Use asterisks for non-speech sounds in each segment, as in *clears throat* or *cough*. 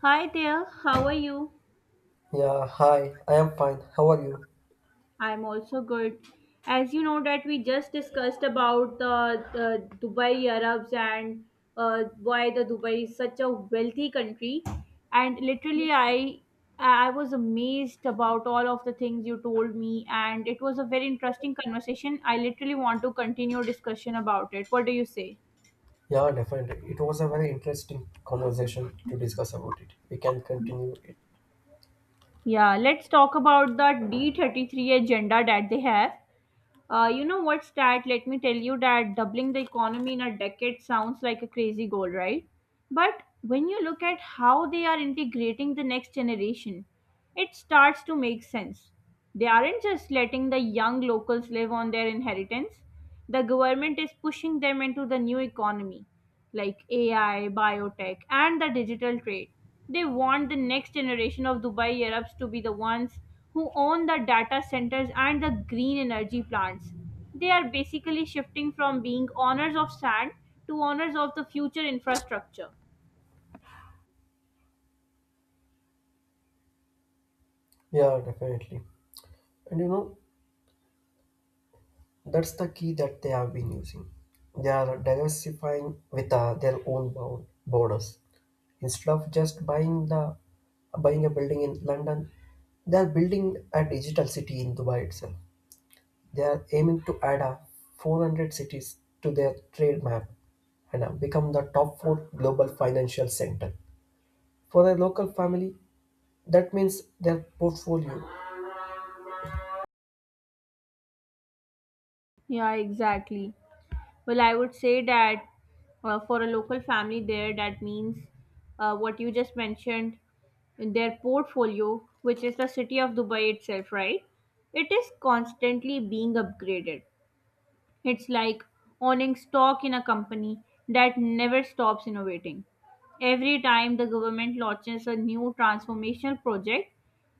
Hi there, how are you? Yeah, hi, I am fine. How are you? I'm also good. As you know that we just discussed about the Dubai Arabs and why the Dubai is such a wealthy country, and literally I was amazed about all of the things you told me, and it was a very interesting conversation. I literally want to continue discussion about it. What do you say? Yeah, definitely. It was a very interesting conversation to discuss about it. We can continue it. Yeah, let's talk about the D33 agenda that they have. You know what's that? Let me tell you that doubling the economy in a decade sounds like a crazy goal, right? But when you look at how they are integrating the next generation, it starts to make sense. They aren't just letting the young locals live on their inheritance. The government is pushing them into the new economy, like AI, biotech, and the digital trade. They want the next generation of Dubai Arabs to be the ones who own the data centers and the green energy plants. They are basically shifting from being owners of sand to owners of the future infrastructure. Yeah, definitely. And that's the key that they have been using. They are diversifying with their own bound borders. Instead of just buying a building in London, they are building a digital city in Dubai itself. They are aiming to add a 400 cities to their trade map and become the top four global financial center. For a local family, that means their portfolio. Yeah, exactly. Well, I would say that for a local family there, that means what you just mentioned, their portfolio, which is the city of Dubai itself, right? It is constantly being upgraded. It's like owning stock in a company that never stops innovating. Every time the government launches a new transformational project,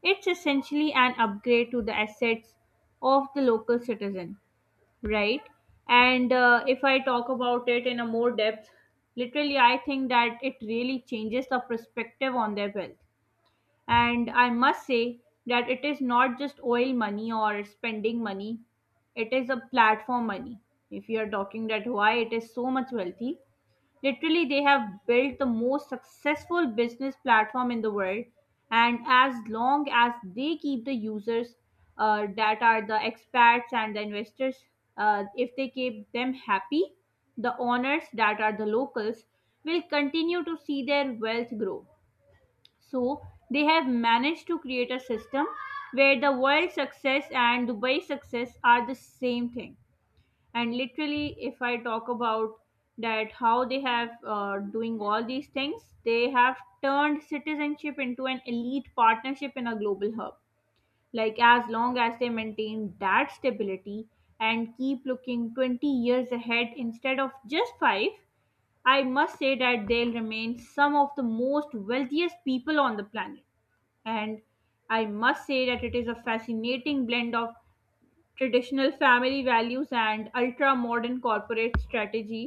it's essentially an upgrade to the assets of the local citizen, right? And if I talk about it in a more depth, literally, I think that it really changes the perspective on their wealth. And I must say that it is not just oil money or spending money, it is a platform money. If you are talking that why it is so much wealthy, literally, they have built the most successful business platform in the world. And as long as they keep the users, that are the expats and the investors, if they keep them happy, the owners that are the locals will continue to see their wealth grow. So they have managed to create a system where the world success and Dubai success are the same thing. And literally, if I talk about that how they have doing all these things, they have turned citizenship into an elite partnership in a global hub. Like, as long as they maintain that stability and keep looking 20 years ahead instead of just 5, I must say that they'll remain some of the most wealthiest people on the planet. And I must say that it is a fascinating blend of traditional family values and ultra modern corporate strategy.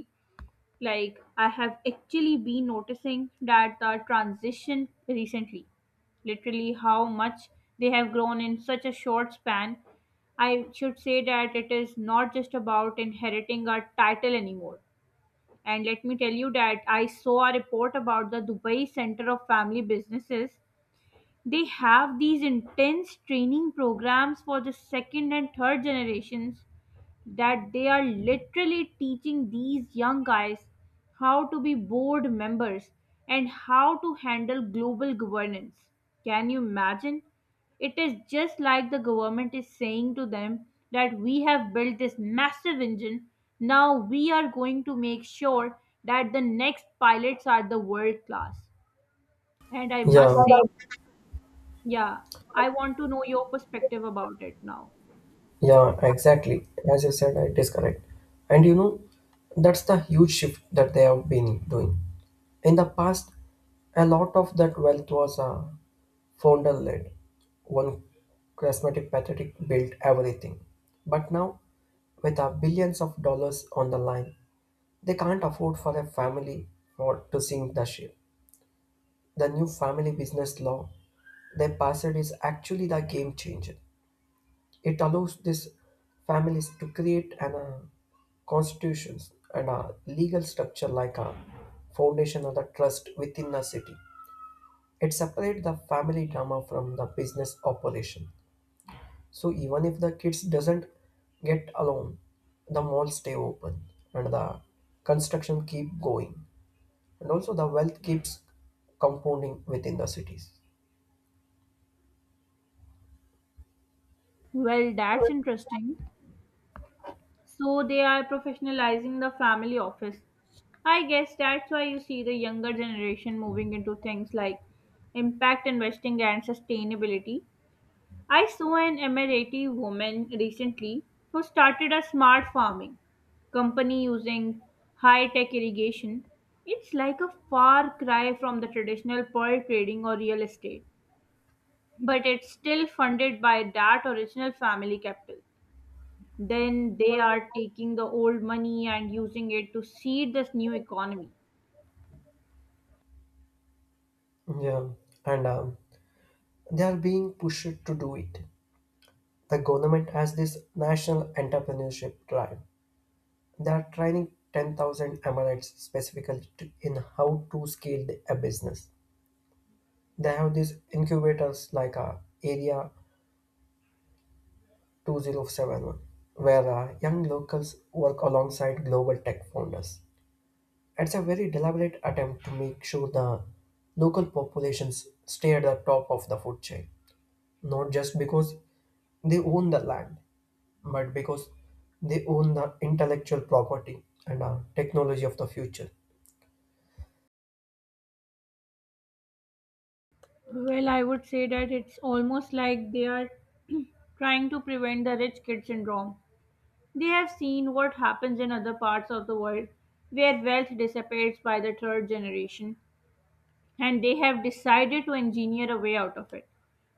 Like, I have actually been noticing that the transition recently, literally how much they have grown in such a short span. I should say that it is not just about inheriting a title anymore. And let me tell you that I saw a report about the Dubai Center of Family Businesses. They have these intense training programs for the second and third generations, that they are literally teaching these young guys how to be board members and how to handle global governance. Can you imagine? It is just like the government is saying to them that we have built this massive engine. Now we are going to make sure that the next pilots are the world class. And I Yeah, must say, yeah, I want to know your perspective about it now. yeah, exactly. As you said, it is correct. And that's the huge shift that they have been doing. In the past, a lot of that wealth was founder led. One charismatic pathetic built everything. But now, with our billions of dollars on the line, they can't afford for a family or to sink the ship. The new family business law they passed is actually the game changer. It allows these families to create an constitutions and a legal structure like a foundation or the trust within a city. It separates the family drama from the business operation. So even if the kids doesn't get along, the malls stay open and the construction keep going. And also the wealth keeps compounding within the cities. Well, that's interesting. So they are professionalizing the family office. I guess that's why you see the younger generation moving into things like impact investing and sustainability. I saw an Emirati woman recently who started a smart farming company using high tech irrigation. It's like a far cry from the traditional pearl trading or real estate, but it's still funded by that original family capital. Then they are taking the old money and using it to seed this new economy. Yeah, and they are being pushed to do it. The government has this national entrepreneurship drive. They are training 10,000 emirates, specifically in how to scale a business. They have these incubators like area 2071, where young locals work alongside global tech founders. It's a very deliberate attempt to make sure the local populations stay at the top of the food chain, not just because they own the land, but because they own the intellectual property and the technology of the future. Well, I would say that it's almost like they are *clears throat* trying to prevent the rich kid syndrome. They have seen what happens in other parts of the world where wealth dissipates by the third generation. And they have decided to engineer a way out of it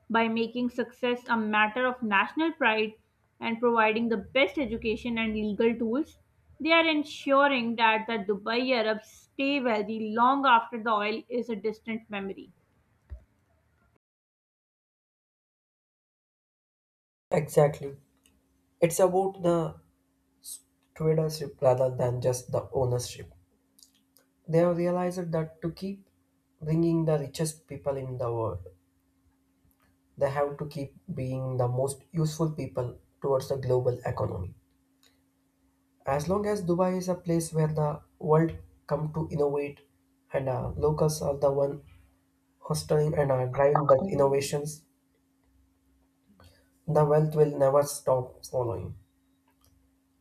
by making success a matter of national pride and providing the best education and legal tools. They are ensuring that the Dubai Arabs stay wealthy long after the oil is a distant memory. Exactly. It's about the tradership rather than just the ownership. They have realized that to keep bringing the richest people in the world, they have to keep being the most useful people towards the global economy. As long as Dubai is a place where the world come to innovate and locals are the one hosting and driving the innovations, the wealth will never stop following.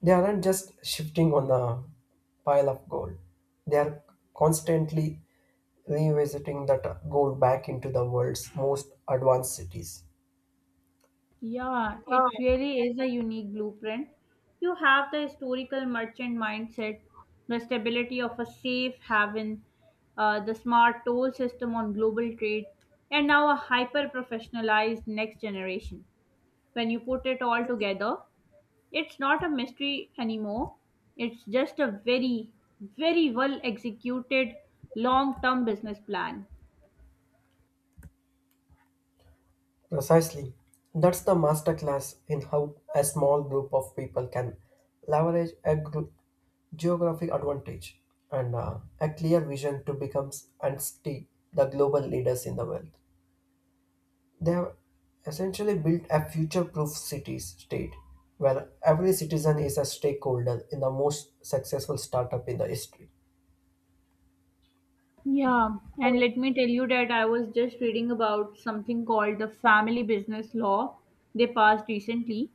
They aren't just shifting on the pile of gold; they are constantly revisiting that gold back into the world's most advanced cities. Yeah, it really is a unique blueprint. You have the historical merchant mindset, the stability of a safe haven, the smart toll system on global trade, and now a hyper professionalized next generation. When you put it all together, it's not a mystery anymore. It's just a very, very well executed long term business plan. Precisely. That's the masterclass in how a small group of people can leverage a group geographic advantage and a clear vision to become and stay the global leaders in the world. They have essentially built a future-proof city state where every citizen is a stakeholder in the most successful startup in the history. Yeah, and let me tell you that I was just reading about something called the family business law they passed recently.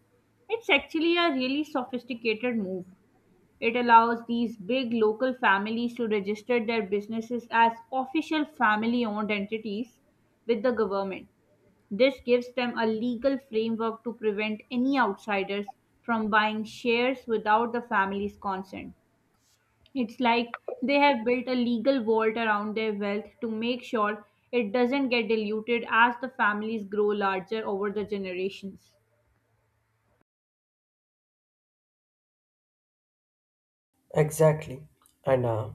It's actually a really sophisticated move. It allows these big local families to register their businesses as official family owned entities with the government. This gives them a legal framework to prevent any outsiders from buying shares without the family's consent. It's like they have built a legal vault around their wealth to make sure it doesn't get diluted as the families grow larger over the generations. Exactly. And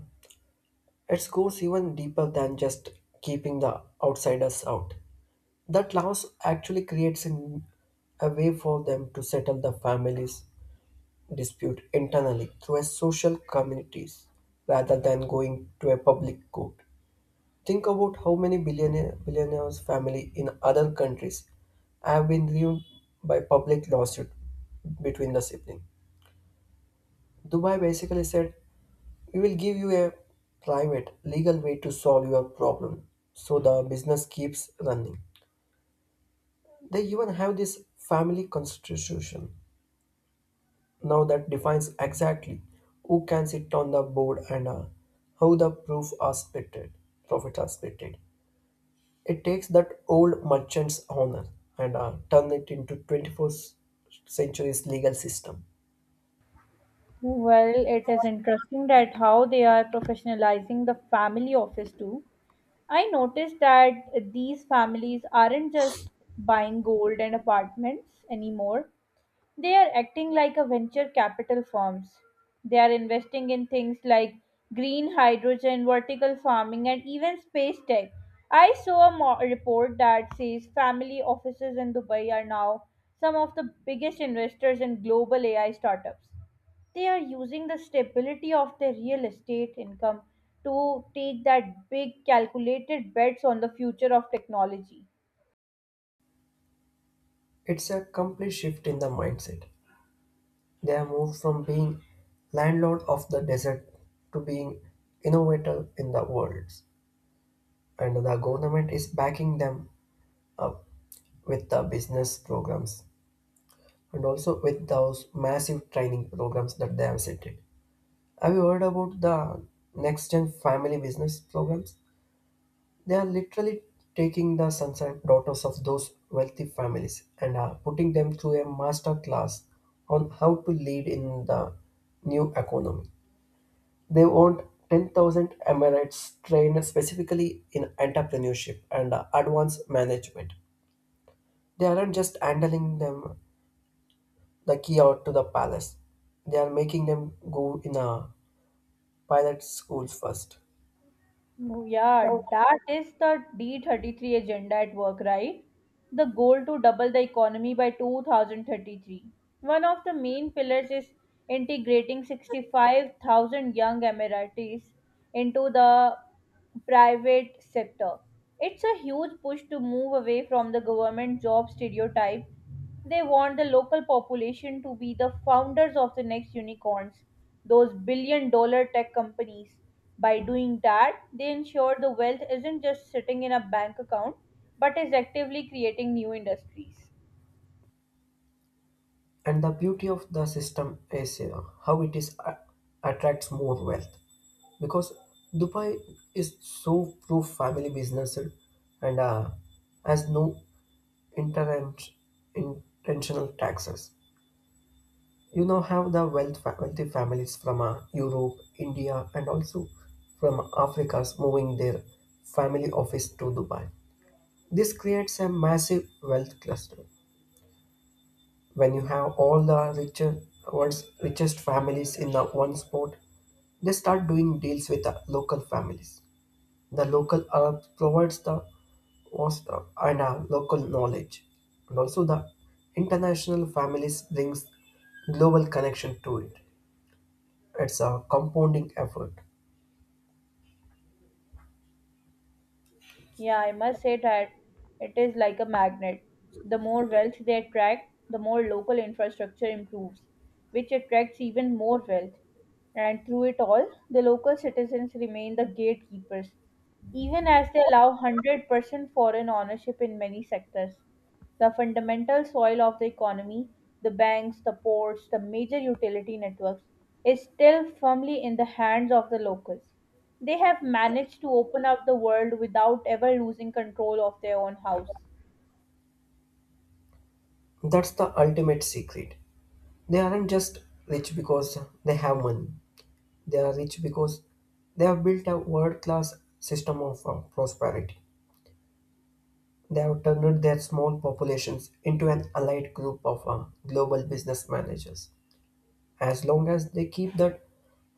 it goes even deeper than just keeping the outsiders out. That loss actually creates a way for them to settle the family's dispute internally through a social communities rather than going to a public court. Think about how many billionaires family in other countries have been ruined by public lawsuit between the siblings. Dubai basically said, "We will give you a private legal way to solve your problem." So the business keeps running. They even have this family constitution now that defines exactly who can sit on the board and how the proof are splitted, profit are splitted. It takes that old merchant's honor and turn it into 21st century's legal system. Well, it is interesting that how they are professionalizing the family office too. I noticed that these families aren't just buying gold and apartments anymore. They are acting like a venture capital firms. They are investing in things like green hydrogen, vertical farming, and even space tech. I saw a report that says family offices in Dubai are now some of the biggest investors in global AI startups. They are using the stability of their real estate income to take that big calculated bets on the future of technology. It's a complete shift in the mindset. They have moved from being landlord of the desert to being innovator in the world. And the government is backing them up with the business programs and also with those massive training programs that they have set it. Have you heard about the next gen family business programs? They are literally taking the sons and daughters of those wealthy families and are putting them through a master class on how to lead in the new economy. They want 10,000 Emirates trained specifically in entrepreneurship and advanced management. They aren't just handling them the key out to the palace. They are making them go in a pilot school first. Oh, yeah, that is the D33 agenda at work, right? The goal to double the economy by 2033. One of the main pillars is integrating 65,000 young Emiratis into the private sector. It's a huge push to move away from the government job stereotype. They want the local population to be the founders of the next unicorns, those billion-dollar tech companies. By doing that, they ensure the wealth isn't just sitting in a bank account, but is actively creating new industries. And the beauty of the system is how it is attracts more wealth because Dubai is so pro family business and has no inter- intentional taxes. You now have the wealthy families from Europe, India, and also from Africa's moving their family office to Dubai. This creates a massive wealth cluster. When you have all the richer, world's richest families in the one spot, they start doing deals with the local families. The local Arab provides the vast and local knowledge, and also the international families brings global connection to it. It's a compounding effort. Yeah, I must say that it is like a magnet. The more wealth they attract, the more local infrastructure improves, which attracts even more wealth. And through it all, the local citizens remain the gatekeepers, even as they allow 100% foreign ownership in many sectors. The fundamental soil of the economy, the banks, the ports, the major utility networks, is still firmly in the hands of the locals. They have managed to open up the world without ever losing control of their own house. That's the ultimate secret. They aren't just rich because they have money. They are rich because they have built a world class system of prosperity. They have turned their small populations into an allied group of global business managers. As long as they keep that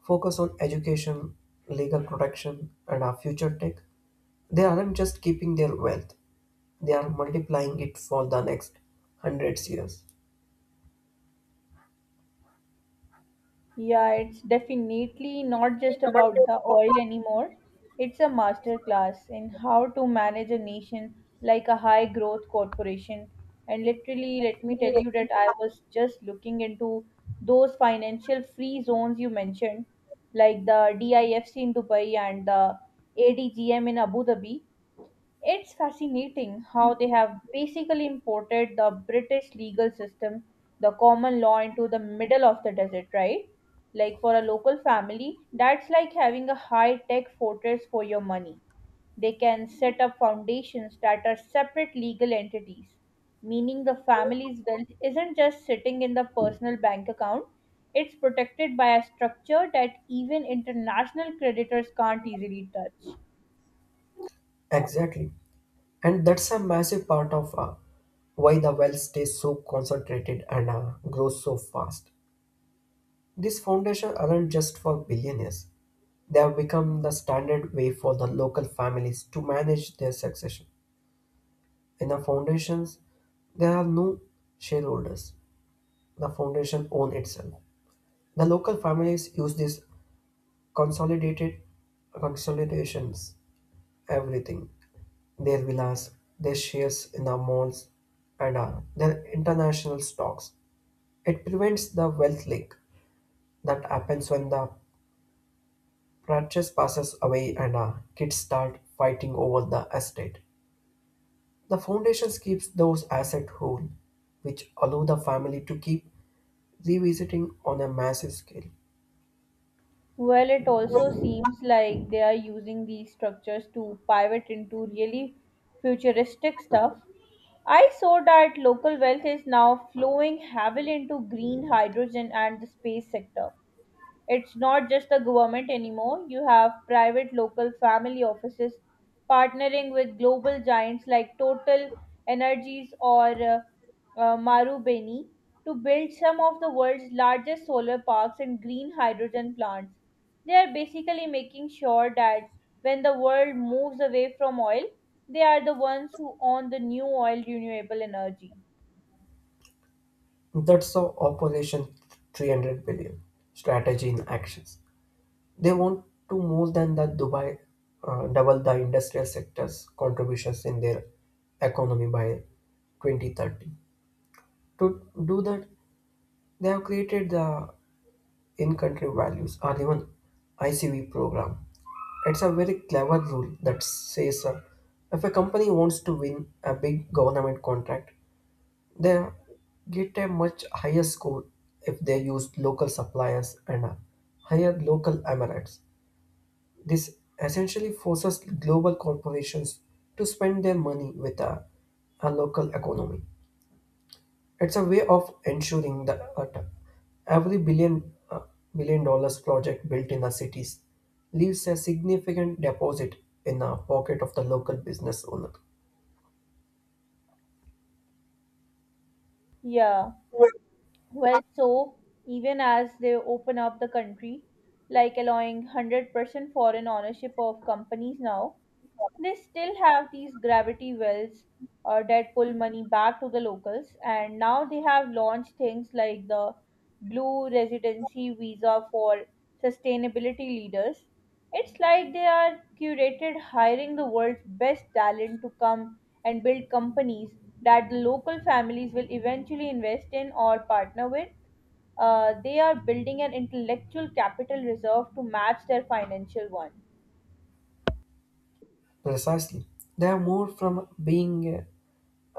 focus on education, legal protection, and our future tech, they aren't just keeping their wealth, they are multiplying it for the next hundreds years. Yeah, it's definitely not just about the oil anymore. It's a masterclass in how to manage a nation like a high growth corporation. And literally, let me tell you that I was just looking into those financial free zones you mentioned, like the DIFC in Dubai and the ADGM in Abu Dhabi. It's fascinating how they have basically imported the British legal system, the common law, into the middle of the desert, right? Like, for a local family, that's like having a high tech fortress for your money. They can set up foundations that are separate legal entities, meaning the family's wealth isn't just sitting in the personal bank account, it's protected by a structure that even international creditors can't easily touch. Exactly. And that's a massive part of why the wealth stays so concentrated and grows so fast. These foundations aren't just for billionaires; they have become the standard way for the local families to manage their succession. In the foundations, there are no shareholders; the foundation owns itself. The local families use these consolidated consolidations everything, their villas, their shares in the malls, and their international stocks. It prevents the wealth leak that happens when the purchase passes away and kids start fighting over the estate. The foundations keeps those assets whole, which allow the family to keep revisiting on a massive scale. Well, it also seems like they are using these structures to pivot into really futuristic stuff. I saw that local wealth is now flowing heavily into green hydrogen and the space sector. It's not just the government anymore. You have private local family offices partnering with global giants like Total Energies or Marubeni to build some of the world's largest solar parks and green hydrogen plants. They are basically making sure that when the world moves away from oil, they are the ones who own the new oil renewable energy. That's the Operation 300 billion strategy in actions. They want to more than that Dubai double the industrial sector's contributions in their economy by 2030. To do that, they have created the in-country values or even ICV program. It's a very clever rule that says if a company wants to win a big government contract, they get a much higher score if they use local suppliers and hire local emirates. This essentially forces global corporations to spend their money with a local economy. It's a way of ensuring that every billion dollars project built in the cities leaves a significant deposit in the pocket of the local business owner. Yeah. Well, so even as they open up the country, like allowing 100% foreign ownership of companies now, they still have these gravity wells, that pull money back to the locals, and now they have launched things like the Blue Residency Visa for sustainability leaders. It's like they are curated hiring the world's best talent to come and build companies that the local families will eventually invest in or partner with. They are building an intellectual capital reserve to match their financial one. Precisely, they are more from being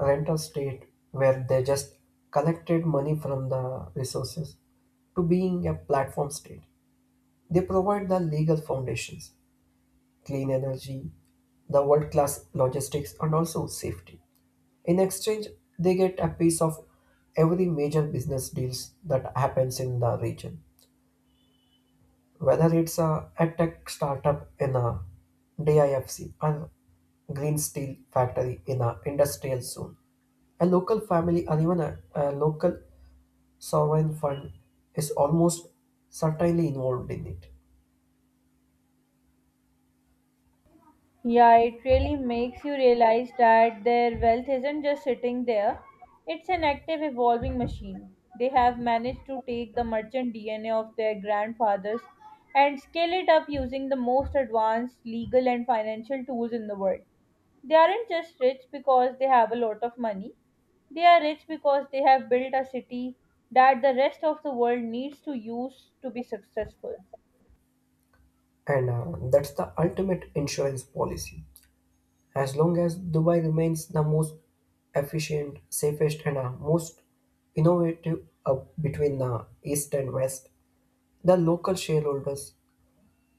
a rental state where they just collected money from the resources to being a platform state. They provide the legal foundations, clean energy, the world class logistics, and also safety. In exchange, they get a piece of every major business deals that happens in the region, whether it's a tech startup in a DIFC or green steel factory in an industrial zone. A local family or even a local sovereign fund is almost certainly involved in it. Yeah, it really makes you realize that their wealth isn't just sitting there, it's an active, evolving machine. They have managed to take the merchant DNA of their grandfathers and scale it up using the most advanced legal and financial tools in the world. They aren't just rich because they have a lot of money, they are rich because they have built a city that the rest of the world needs to use to be successful. And that's the ultimate insurance policy. As long as Dubai remains the most efficient, safest, and most innovative between the East and West, the local shareholders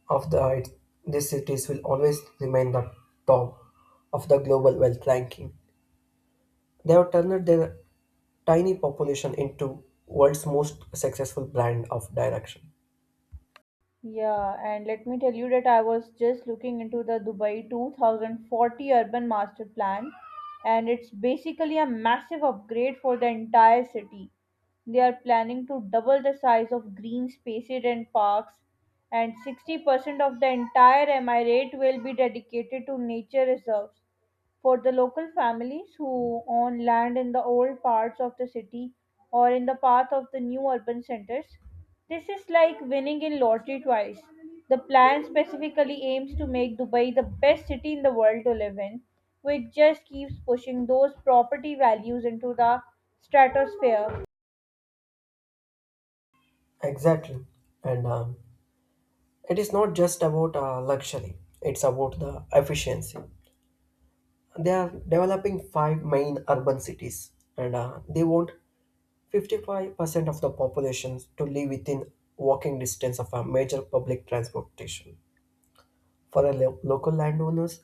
of the these cities will always remain the top of the global wealth ranking. They have turned their tiny population into world's most successful brand of direction. Yeah, and let me tell you that I was just looking into the Dubai 2040 Urban Master Plan, and it's basically a massive upgrade for the entire city. They are planning to double the size of green spaces and parks, and 60% of the entire emirate will be dedicated to nature reserves for the local families who own land in the old parts of the city or in the path of the new urban centers. This is like winning in lottery twice. The plan specifically aims to make Dubai the best city in the world to live in, which just keeps pushing those property values into the stratosphere. Exactly, and it is not just about luxury, it's about the efficiency. They are developing five main urban cities and they want 55% of the population to live within walking distance of a major public transportation. For the local landowners,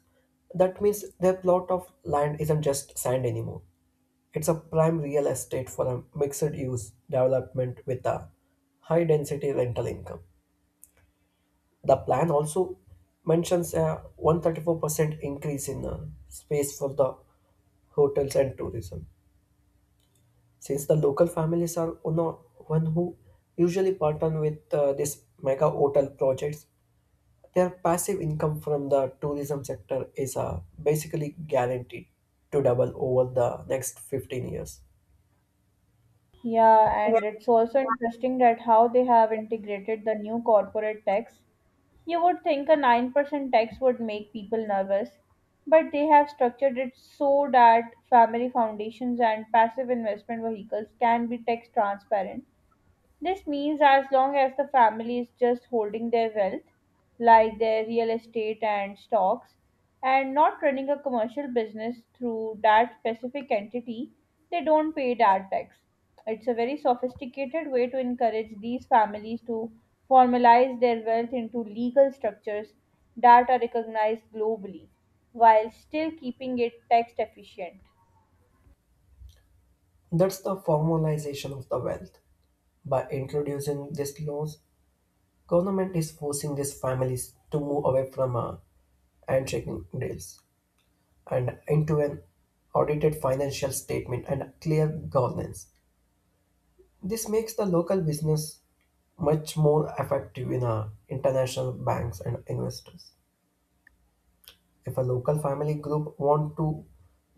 that means their plot of land isn't just sand anymore. It's a prime real estate for a mixed use development with a high density rental income. The plan also mentions a 134% increase in space for the hotels and tourism. Since the local families are one who usually partner with these mega hotel projects, their passive income from the tourism sector is basically guaranteed to double over the next 15 years. Yeah, and it's also interesting that how they have integrated the new corporate tax. You would think a 9% tax would make people nervous, but they have structured it so that family foundations and passive investment vehicles can be tax transparent. This means as long as the family is just holding their wealth, like their real estate and stocks, and not running a commercial business through that specific entity, they don't pay that tax. It's a very sophisticated way to encourage these families to formalize their wealth into legal structures that are recognized globally while still keeping it tax efficient. That's the formalization of the wealth. By introducing these laws, government is forcing these families to move away from handshaking deals and into an audited financial statement and clear governance. This makes the local business much more effective in international banks and investors. If a local family group want to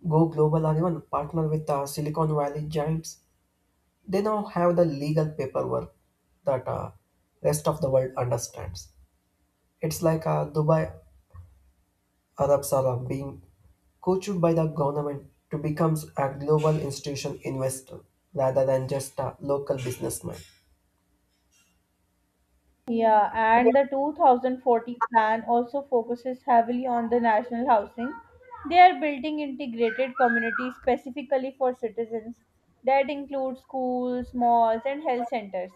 go global or even partner with Silicon Valley giants, they now have the legal paperwork that rest of the world understands. It's like Dubai Arab Salam being coached by the government to become a global institution investor rather than just a local businessman. Yeah, and the 2040 plan also focuses heavily on the national housing. They are building integrated communities specifically for citizens that include schools, malls, and health centers.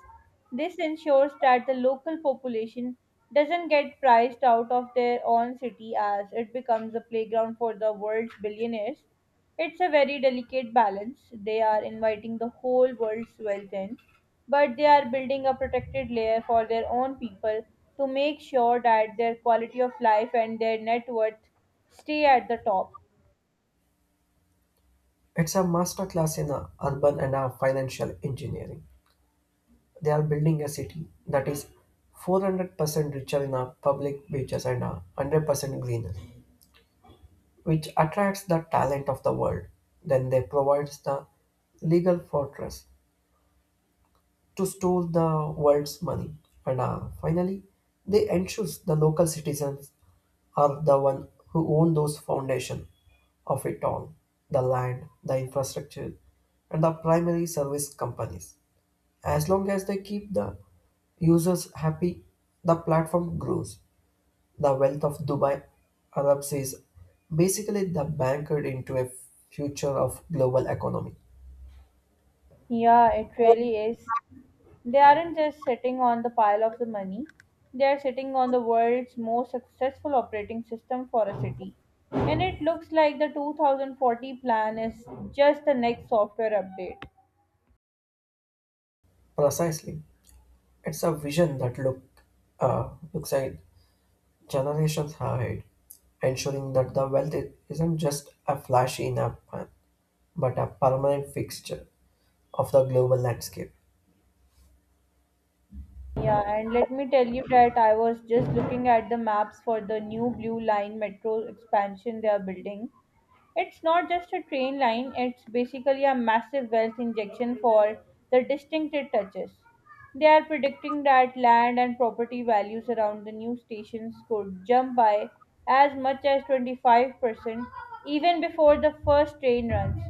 This ensures that the local population doesn't get priced out of their own city as it becomes a playground for the world's billionaires. It's a very delicate balance. They are inviting the whole world's wealth in, but they are building a protected layer for their own people to make sure that their quality of life and their net worth stay at the top. It's a masterclass in urban and financial engineering. They are building a city that is 400% richer in public beaches and 100% greener, which attracts the talent of the world. Then they provides the legal fortress to store the world's money. And finally, they ensures the local citizens are the one who own those foundation of it all, the land, the infrastructure, and the primary service companies. As long as they keep the users happy, the platform grows. The wealth of Dubai Arabs is basically the bankered into a future of global economy. Yeah, it really is. They aren't just sitting on the pile of the money, they are sitting on the world's most successful operating system for a city. And it looks like the 2040 plan is just the next software update. Precisely, it's a vision that looks at generations have held, ensuring that the wealth isn't just a flash in a pan, but a permanent fixture of the global landscape. Yeah, and let me tell you that I was just looking at the maps for the new Blue Line metro expansion they are building. It's not just a train line, it's basically a massive wealth injection for the district it touches. They are predicting that land and property values around the new stations could jump by as much as 25% even before the first train runs.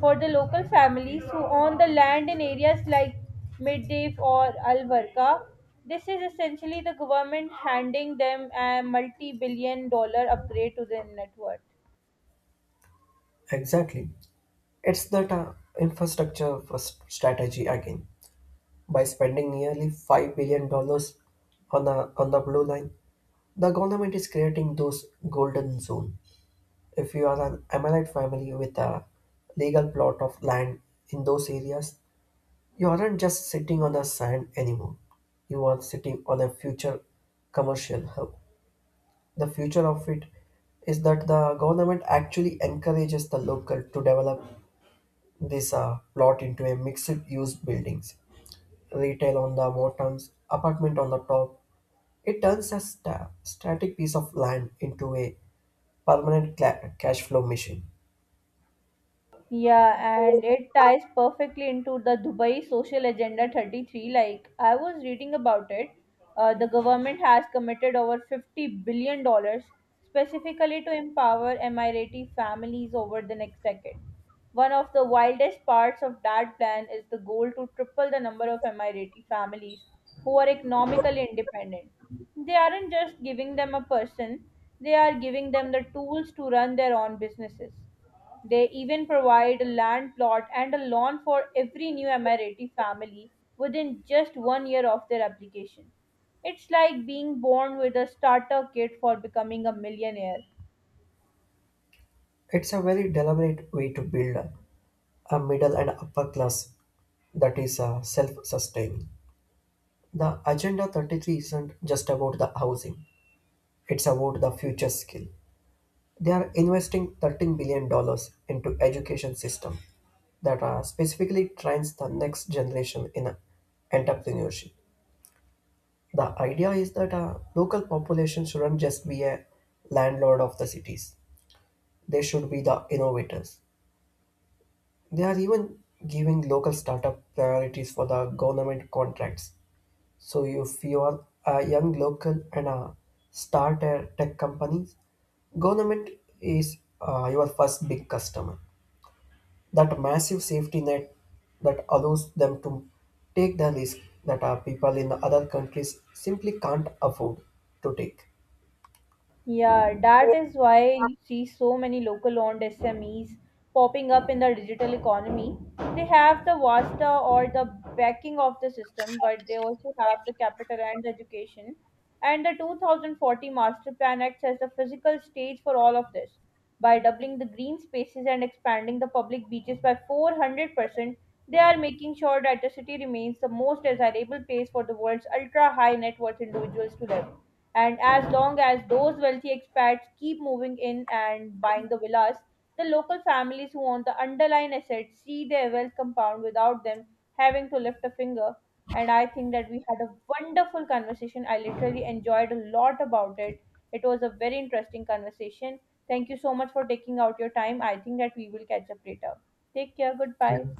For the local families who own the land in areas like Midday or Al Warka, this is essentially the government handing them a multi-billion-dollar upgrade to their net worth. Exactly. It's that infrastructure first strategy again. By spending nearly $5 billion dollars on the, blue line, the government is creating those golden zone. If you are an Emirate family with a legal plot of land in those areas, you aren't just sitting on the sand anymore. You are sitting on a future commercial hub. The future of it is that the government actually encourages the local to develop this plot into a mixed use buildings. Retail on the bottoms, apartment on the top. It turns a static piece of land into a permanent cash flow machine. Yeah, and it ties perfectly into the Dubai Social Agenda 33. Like, I was reading about it. The government has committed over $50 billion dollars specifically to empower Emirati families over the next decade. One of the wildest parts of that plan is the goal to triple the number of Emirati families who are economically independent. They aren't just giving them a person, they are giving them the tools to run their own businesses. They even provide a land plot and a loan for every new Emirati family within just 1 year of their application. It's like being born with a starter kit for becoming a millionaire. It's a very deliberate way to build a middle and upper class that is self-sustaining. The Agenda 33 isn't just about the housing, it's about the future skill. They are investing $13 billion dollars into education system that specifically trains the next generation in entrepreneurship. The idea is that a local population shouldn't just be a landlord of the cities. They should be the innovators. They are even giving local startup priorities for the government contracts. So if you are a young local and start a tech company, government is your first big customer. That massive safety net that allows them to take the risk that people in the other countries simply can't afford to take. Yeah, that is why you see so many local owned SMEs popping up in the digital economy. They have the vasta or the backing of the system, but they also have the capital and the education. And the 2040 Master Plan acts as the physical stage for all of this. By doubling the green spaces and expanding the public beaches by 400%, they are making sure that the city remains the most desirable place for the world's ultra high net worth individuals to live. And as long as those wealthy expats keep moving in and buying the villas, the local families who own the underlying assets see their wealth compound without them having to lift a finger. And I think that we had a wonderful conversation. I literally enjoyed a lot about it. It was a very interesting conversation. Thank you so much for taking out your time. I think that we will catch up later. Take care. Goodbye. Yeah.